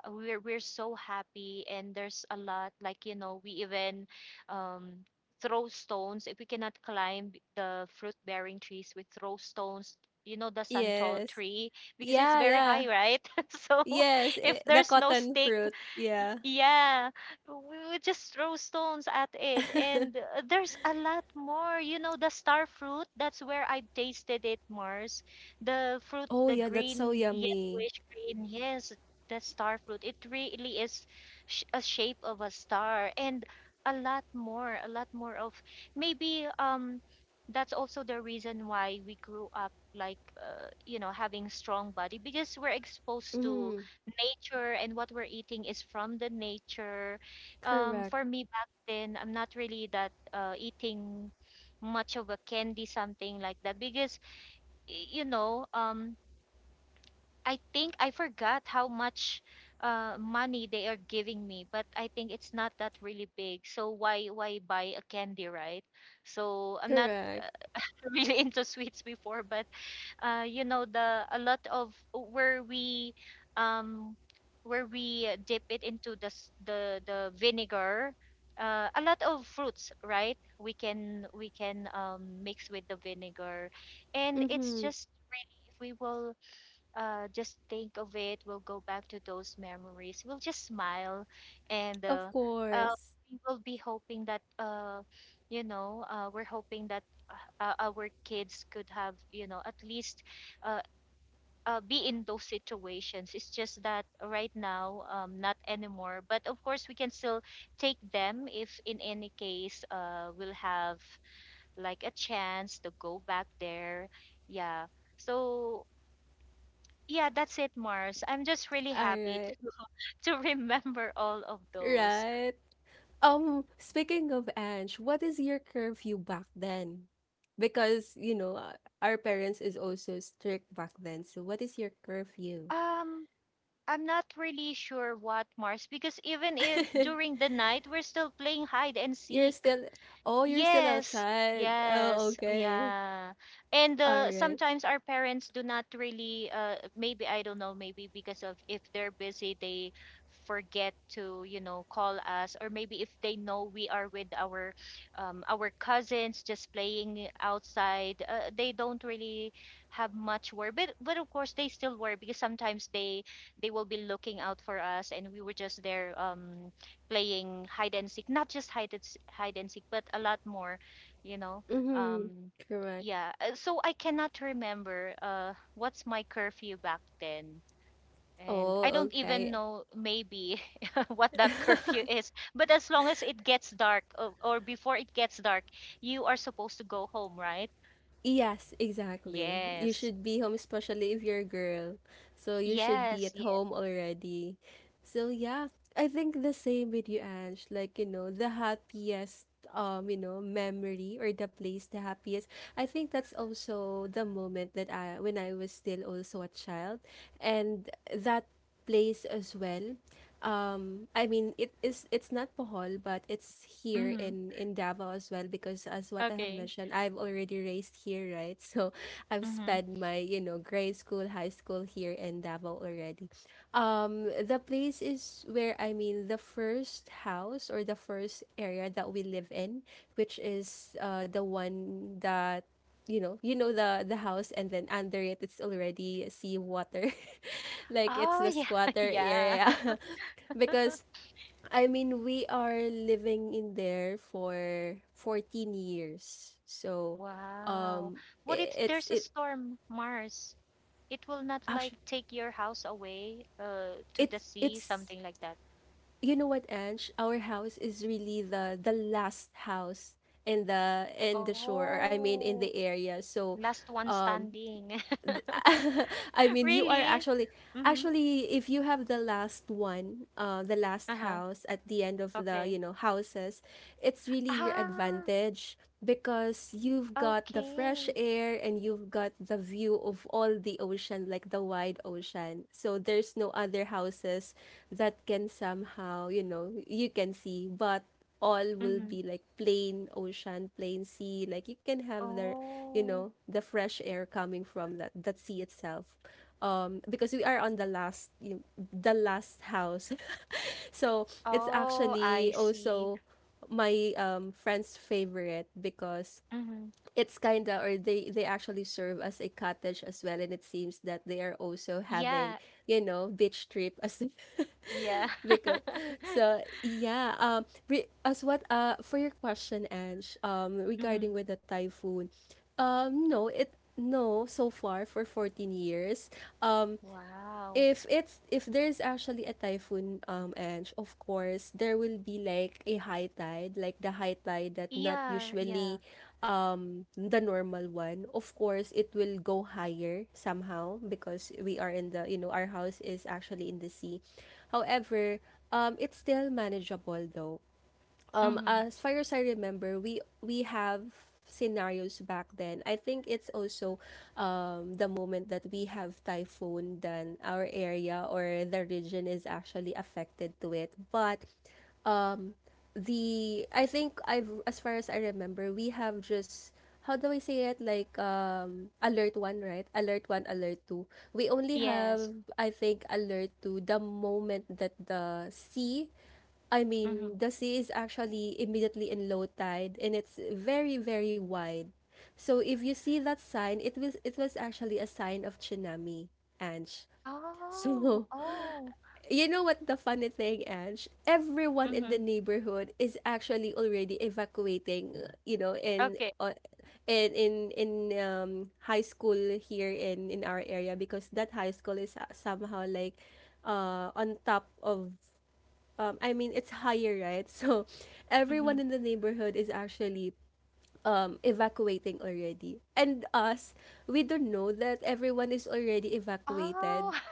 we're so happy, and there's a lot. Like, you know, we even um, throw stones if we cannot climb the fruit-bearing trees. We throw stones. You know, the santol
Yes.
tree, because it's
Yeah,
very
yeah.
high, right? So
Yes, eh,
if
the
there's no
cotton
stake,
fruit. Yeah.
yeah, we would just throw stones at it. And there's a lot more. You know, the star fruit, that's where I tasted it, Mars. The fruit,
Oh,
the
yeah, that's so
green,
yummy.
yellowish green, yes, the star fruit. It really is a shape of a star. And a lot more of maybe that's also the reason why we grew up like, you know, having strong body because we're exposed to
Mm-hmm.
nature, and what we're eating is from the nature.
Correct.
For me back then, I'm not really that eating much of a candy, something like that, because, you know, I think I forgot how much money they are giving me, but I think it's not that really big. So why buy a candy, right? So I'm not
Correct.
uh, really into sweets before, but you know, the a lot of um where we dip it into the vinegar. A lot of fruits, right? We can we can mix with the vinegar. And it's
Mm-hmm.
just really if we will, just think of it. We'll go back to those memories. We'll just smile, and
Of course.
we will be hoping that, you know, we're hoping that, our kids could have, you know, at least uh, be in those situations. It's just that right now, not anymore. But of course, we can still take them if, in any case, we'll have like a chance to go back there. Yeah. So yeah, that's it, Mars. I'm just really
All
happy
right.
to to remember all of those.
Right. Speaking of Ange, what is your curfew back then? Because, you know, our parents is also strict back then. So what is your curfew?
Um, I'm not really sure what Mars, because even if during the night we're still playing hide and
You're
seek.
still, oh, you're still
Yes,
outside. Oh,
yes,
okay.
yeah. And
All right.
sometimes our parents do not really, maybe, I don't know, maybe because of if they're busy, they forget to, you know, call us, or maybe if they know we are with our cousins just playing outside, they don't really have much worry. But of course they still worry because sometimes they will be looking out for us, and we were just there, playing hide and seek, not just hide and seek but a lot more, you know.
Mm-hmm.
um
Correct.
yeah. So I cannot remember what's my curfew back then, and
Oh,
I don't even
okay.
know maybe what that curfew is, but as long as it gets dark, or before it gets dark, you are supposed to go home, right?
Yes, exactly. You
Yes,
should be home, especially if you're a girl. So you should be
yes,
at home
yes.
already. So yeah, I think the same with you, Ange. The happiest memory or the place the happiest. I think that's also the moment that I when I was still also a child and that place as well I mean, it's not Bohol, but it's here
Mhm.
in Davao as well because as what I have
Okay.
mentioned, I've already raised here, right? So I've
Mhm.
spent my, you know, grade school, high school here in Davao already. The place is where I mean the first house or the first area that we live in, which is the one that you know the house and then under it it's already sea water like it's
Oh
the
yeah.
squatter
Yeah.
area because I mean we are living in there for 14 years so
Wow.
um
What if
I- it's
there's a
it
storm, Mars? It will not like
actually
take your house away, to the sea,
it's
something like that.
you know what Ange, our house is really the last house in the shore or I mean in the
Oh,
area. So
last one standing.
and I mean you are
Really?
actually
Mm-hmm.
actually if you have the last one, the last
Uh-huh.
house at the end of the,
Okay.
you know, houses, it's really your
Ah,
advantage because you've got the fresh
okay.
air and you've got the view of all the ocean like the wide ocean. So there's no other houses that can somehow, you know, you can see but all will
Mm-hmm.
be like plain ocean, plain sea. Like you can have their, you
Oh.
know, the fresh air coming from that sea itself. Because we are on the last, you know, the last house, so it's
Oh,
actually
I see.
also my friend's favorite because
Mm-hmm.
it's kinda or they actually serve as a cottage as well and it seems that they are also
Yeah.
having you know beach trip as
Yeah.
because so yeah as what for your question Ange
Mm-hmm.
regarding with the typhoon no it no so far for 14 years um
Wow.
if it's if there's actually a typhoon and of course there will be like a high tide like the high tide that not
Yeah, yeah.
usually the normal one of course it will go higher somehow because we are in the you know our house is actually in the sea. However, it's still manageable though.
Mm-hmm.
As far as I remember, we have scenarios back then. I think it's also the moment that we have typhoon then our area or the region is actually affected to it. But the I think I've as far as I remember, we have just how do I say it? Like alert one, right? Alert one, alert two. We only
Yes.
have I think alert two the moment that the sea I
Mhm.
mean the sea is actually immediately in low tide and it's very, very wide. So if you see that sign, it was actually a sign of tsunami, Ange.
Oh,
So
oh.
you know what the funny thing, Ange? Everyone in the
Mhm.
neighborhood is actually already evacuating, you know,
Okay.
in um high school here in our area because that high school is somehow like on top of I mean it's higher, right? So
Mhm.
everyone in the neighborhood is actually evacuating already. And us, we don't know that everyone is already
Oh.
evacuated.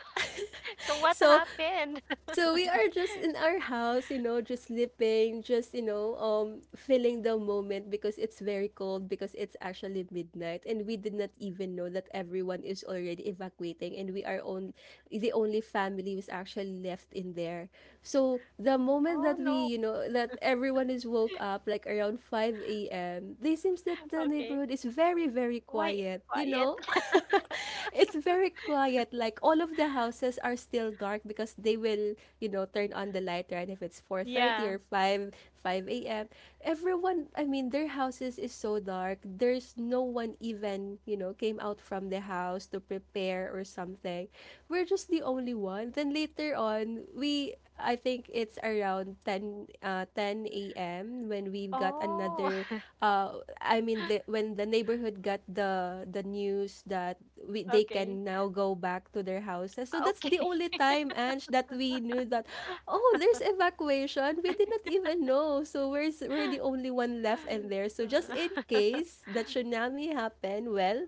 So what
So
happened?
so we are just in our house, you know, just sleeping, just, you know, feeling the moment because it's very cold because it's actually midnight and we did not even know that everyone is already evacuating and we are on the only family was actually left in there. So the moment
Oh
that we, you
no.
know, that everyone is woke up like around 5 a.m., they seems that the
Okay.
neighborhood is very very
Why it's
quiet, you
quiet?
know? it's very quiet. Like all of the houses are still dark because they will, you know, turn on the light right if it's 4:30
Yeah.
or 5 a.m. Everyone, I mean, their houses is so dark. There's no one even, you know, came out from the house to prepare or something. We're just the only one. Then later on, we I think it's around 10 a.m. when we've got
Oh.
another when the neighborhood got the news that we they
Okay.
can now go back to their houses. So that's the
Okay.
only time Ange that we knew that oh there's evacuation. We did not even know. So we're the only one left in there. So just in
Uh,
case the tsunami happened, well,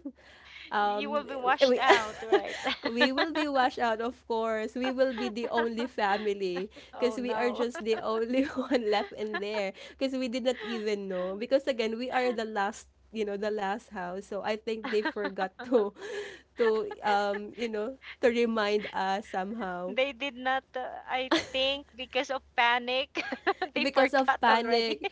you
um
will be washed
we,
out, right?
we will be washed out. Of course we will be the only family
Oh
because we are
no.
just the only one left in there because we did not even know because again we are the last you know the last house so I think they forgot to to you know to remind us somehow
They did not, I think, because of panic, they
because of
forgot already.
panic,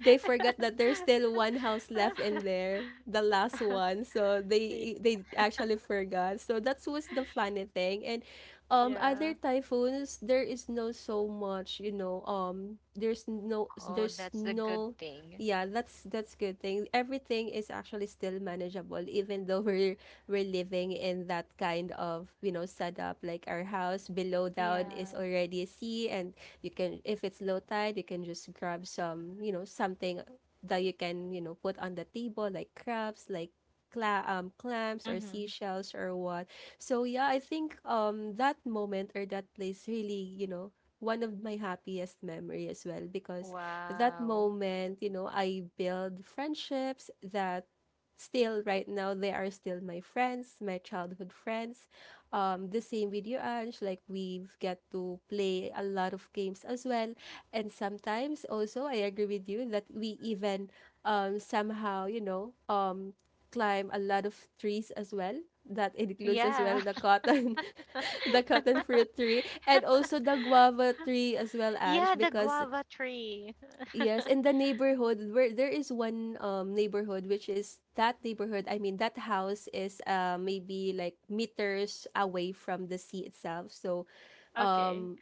they forgot that there's still one house left in there, the last one. So
Yeah.
they actually forgot. So that was the funny thing. And other
Yeah.
typhoons, there is no so much, you know,
Oh,
there's
that's the good
no
thing.
yeah, that's good thing. Everything is actually still manageable, even though we're living in that kind of you know setup. Like our house below down is
Yeah.
already a sea, and you can if it's low tide you can just grab some you know something that you can you know put on the table like crabs like clams or
Mm-hmm.
seashells or what. So yeah I think that moment or that place really you know one of my happiest memory as well because that
Wow.
moment you know I build friendships that still right now they are still my friends my childhood friends. The same with you, Ange. Like we've get to play a lot of games as well. And sometimes also I agree with you that we even somehow, you know, climb a lot of trees as well. That includes as well
Yeah.
the cotton the cotton fruit tree and also the guava tree as well, Ange,
Yeah, the
because
guava tree.
yes, in the neighborhood where there is one neighborhood which is that neighborhood, I mean that house is maybe like meters away from the sea itself. So
Okay.
um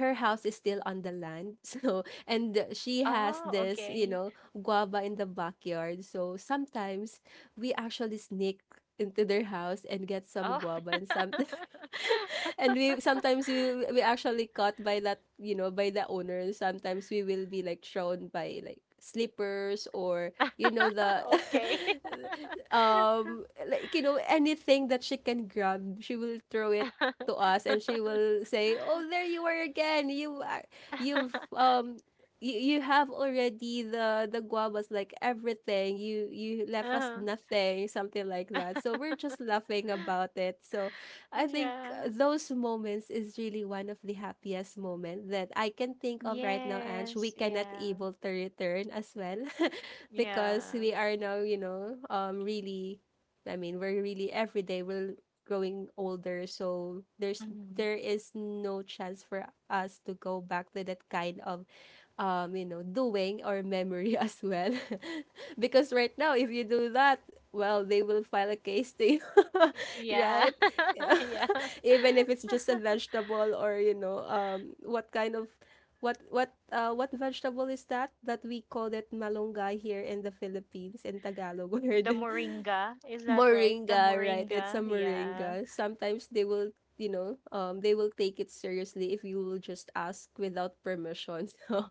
her house is still on the land. So and she has
Oh,
this, you
okay.
know, guava in the backyard. So sometimes we actually sneak into their house and get some
Oh.
guava and sometimes and we sometimes we actually caught by that you know by the owner sometimes we will be like shown by like slippers or you know the
Okay.
like you know anything that she can grab she will throw it to us and she will say oh there you are again you are- you've um you have already the guavas like everything you you left us
Uh-huh.
nothing something like that so we're just laughing about it. So I think
Yeah.
those moments is really one of the happiest moment that I can think of right now, Ange. We
Yes.
cannot
Yeah.
able to return as well because
Yeah.
we are now, you know, I mean, we're really every day we're growing older, so there's
Hmm.
there is no chance for us to go back to that kind of you know, doing or memory as well. Because right now, if you do that, well, they will file a case to you,
Y- Yeah.
right? Yeah.
Yeah.
Even if it's just a vegetable or, you know, what kind of what vegetable is that that we call it malunggay here in the Philippines in Tagalog
The
word
moringa, is that right? The
moringa, right? It's a
moringa. Yeah.
moringa. Sometimes they will, you know, they will take it seriously if you will just ask without permission.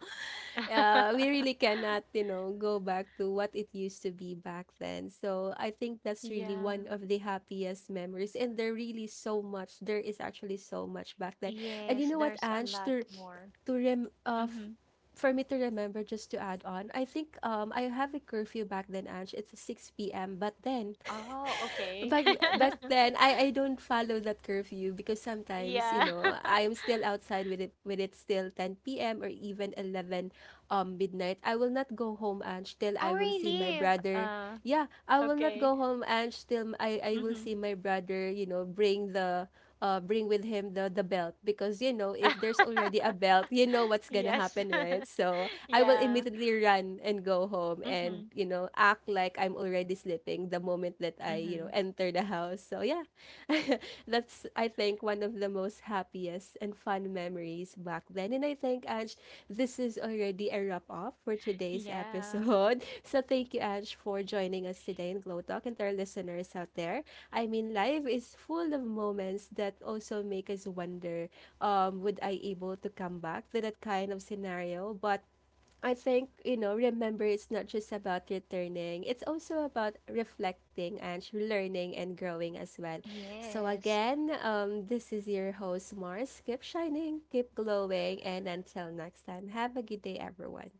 So, we really cannot, you know, go back to what it used to be back then. So, I think that's really
Yeah.
one of the happiest memories. And there really so much. There is actually so much back then. And you
Yes,
know what,
there's a
Ange?
lot more.
To rem uh, f-
Mm-hmm.
for me to remember just to add on I think I have a curfew back then Ange, it's 6 p.m. But then
Oh, okay.
back back then I don't follow that curfew because sometimes you
Yeah.
know I am still outside with it still 10 p.m. or even 11 midnight. I will not go home Ange till
Oh,
I will see my
really?
brother.
Uh,
Yeah, I will not
okay.
go home Ange till I will
Mm-hmm.
see my brother you know bring the bring with him the belt because you know if there's already a belt, you know what's gonna
Yes.
happen, right? So I will
Yeah.
immediately run and go home and
Mm-hmm.
you know act like I'm already sleeping the moment that I you know
Mm-hmm.
enter the house. So yeah, that's I think one of the most happiest and fun memories back then. And I think Ange, this is already a wrap up for today's
Yeah.
episode. So thank you Ange for joining us today in Glow Talk and to our listeners out there. I mean, life is full of moments that also make us wonder, would I able to come back to that kind of scenario? But I think, you know, remember it's not just about returning. It's also about reflecting and learning and growing as well. So
Yes.
again, this is your host Mars. Keep shining, keep glowing, and until next time, have a good day everyone.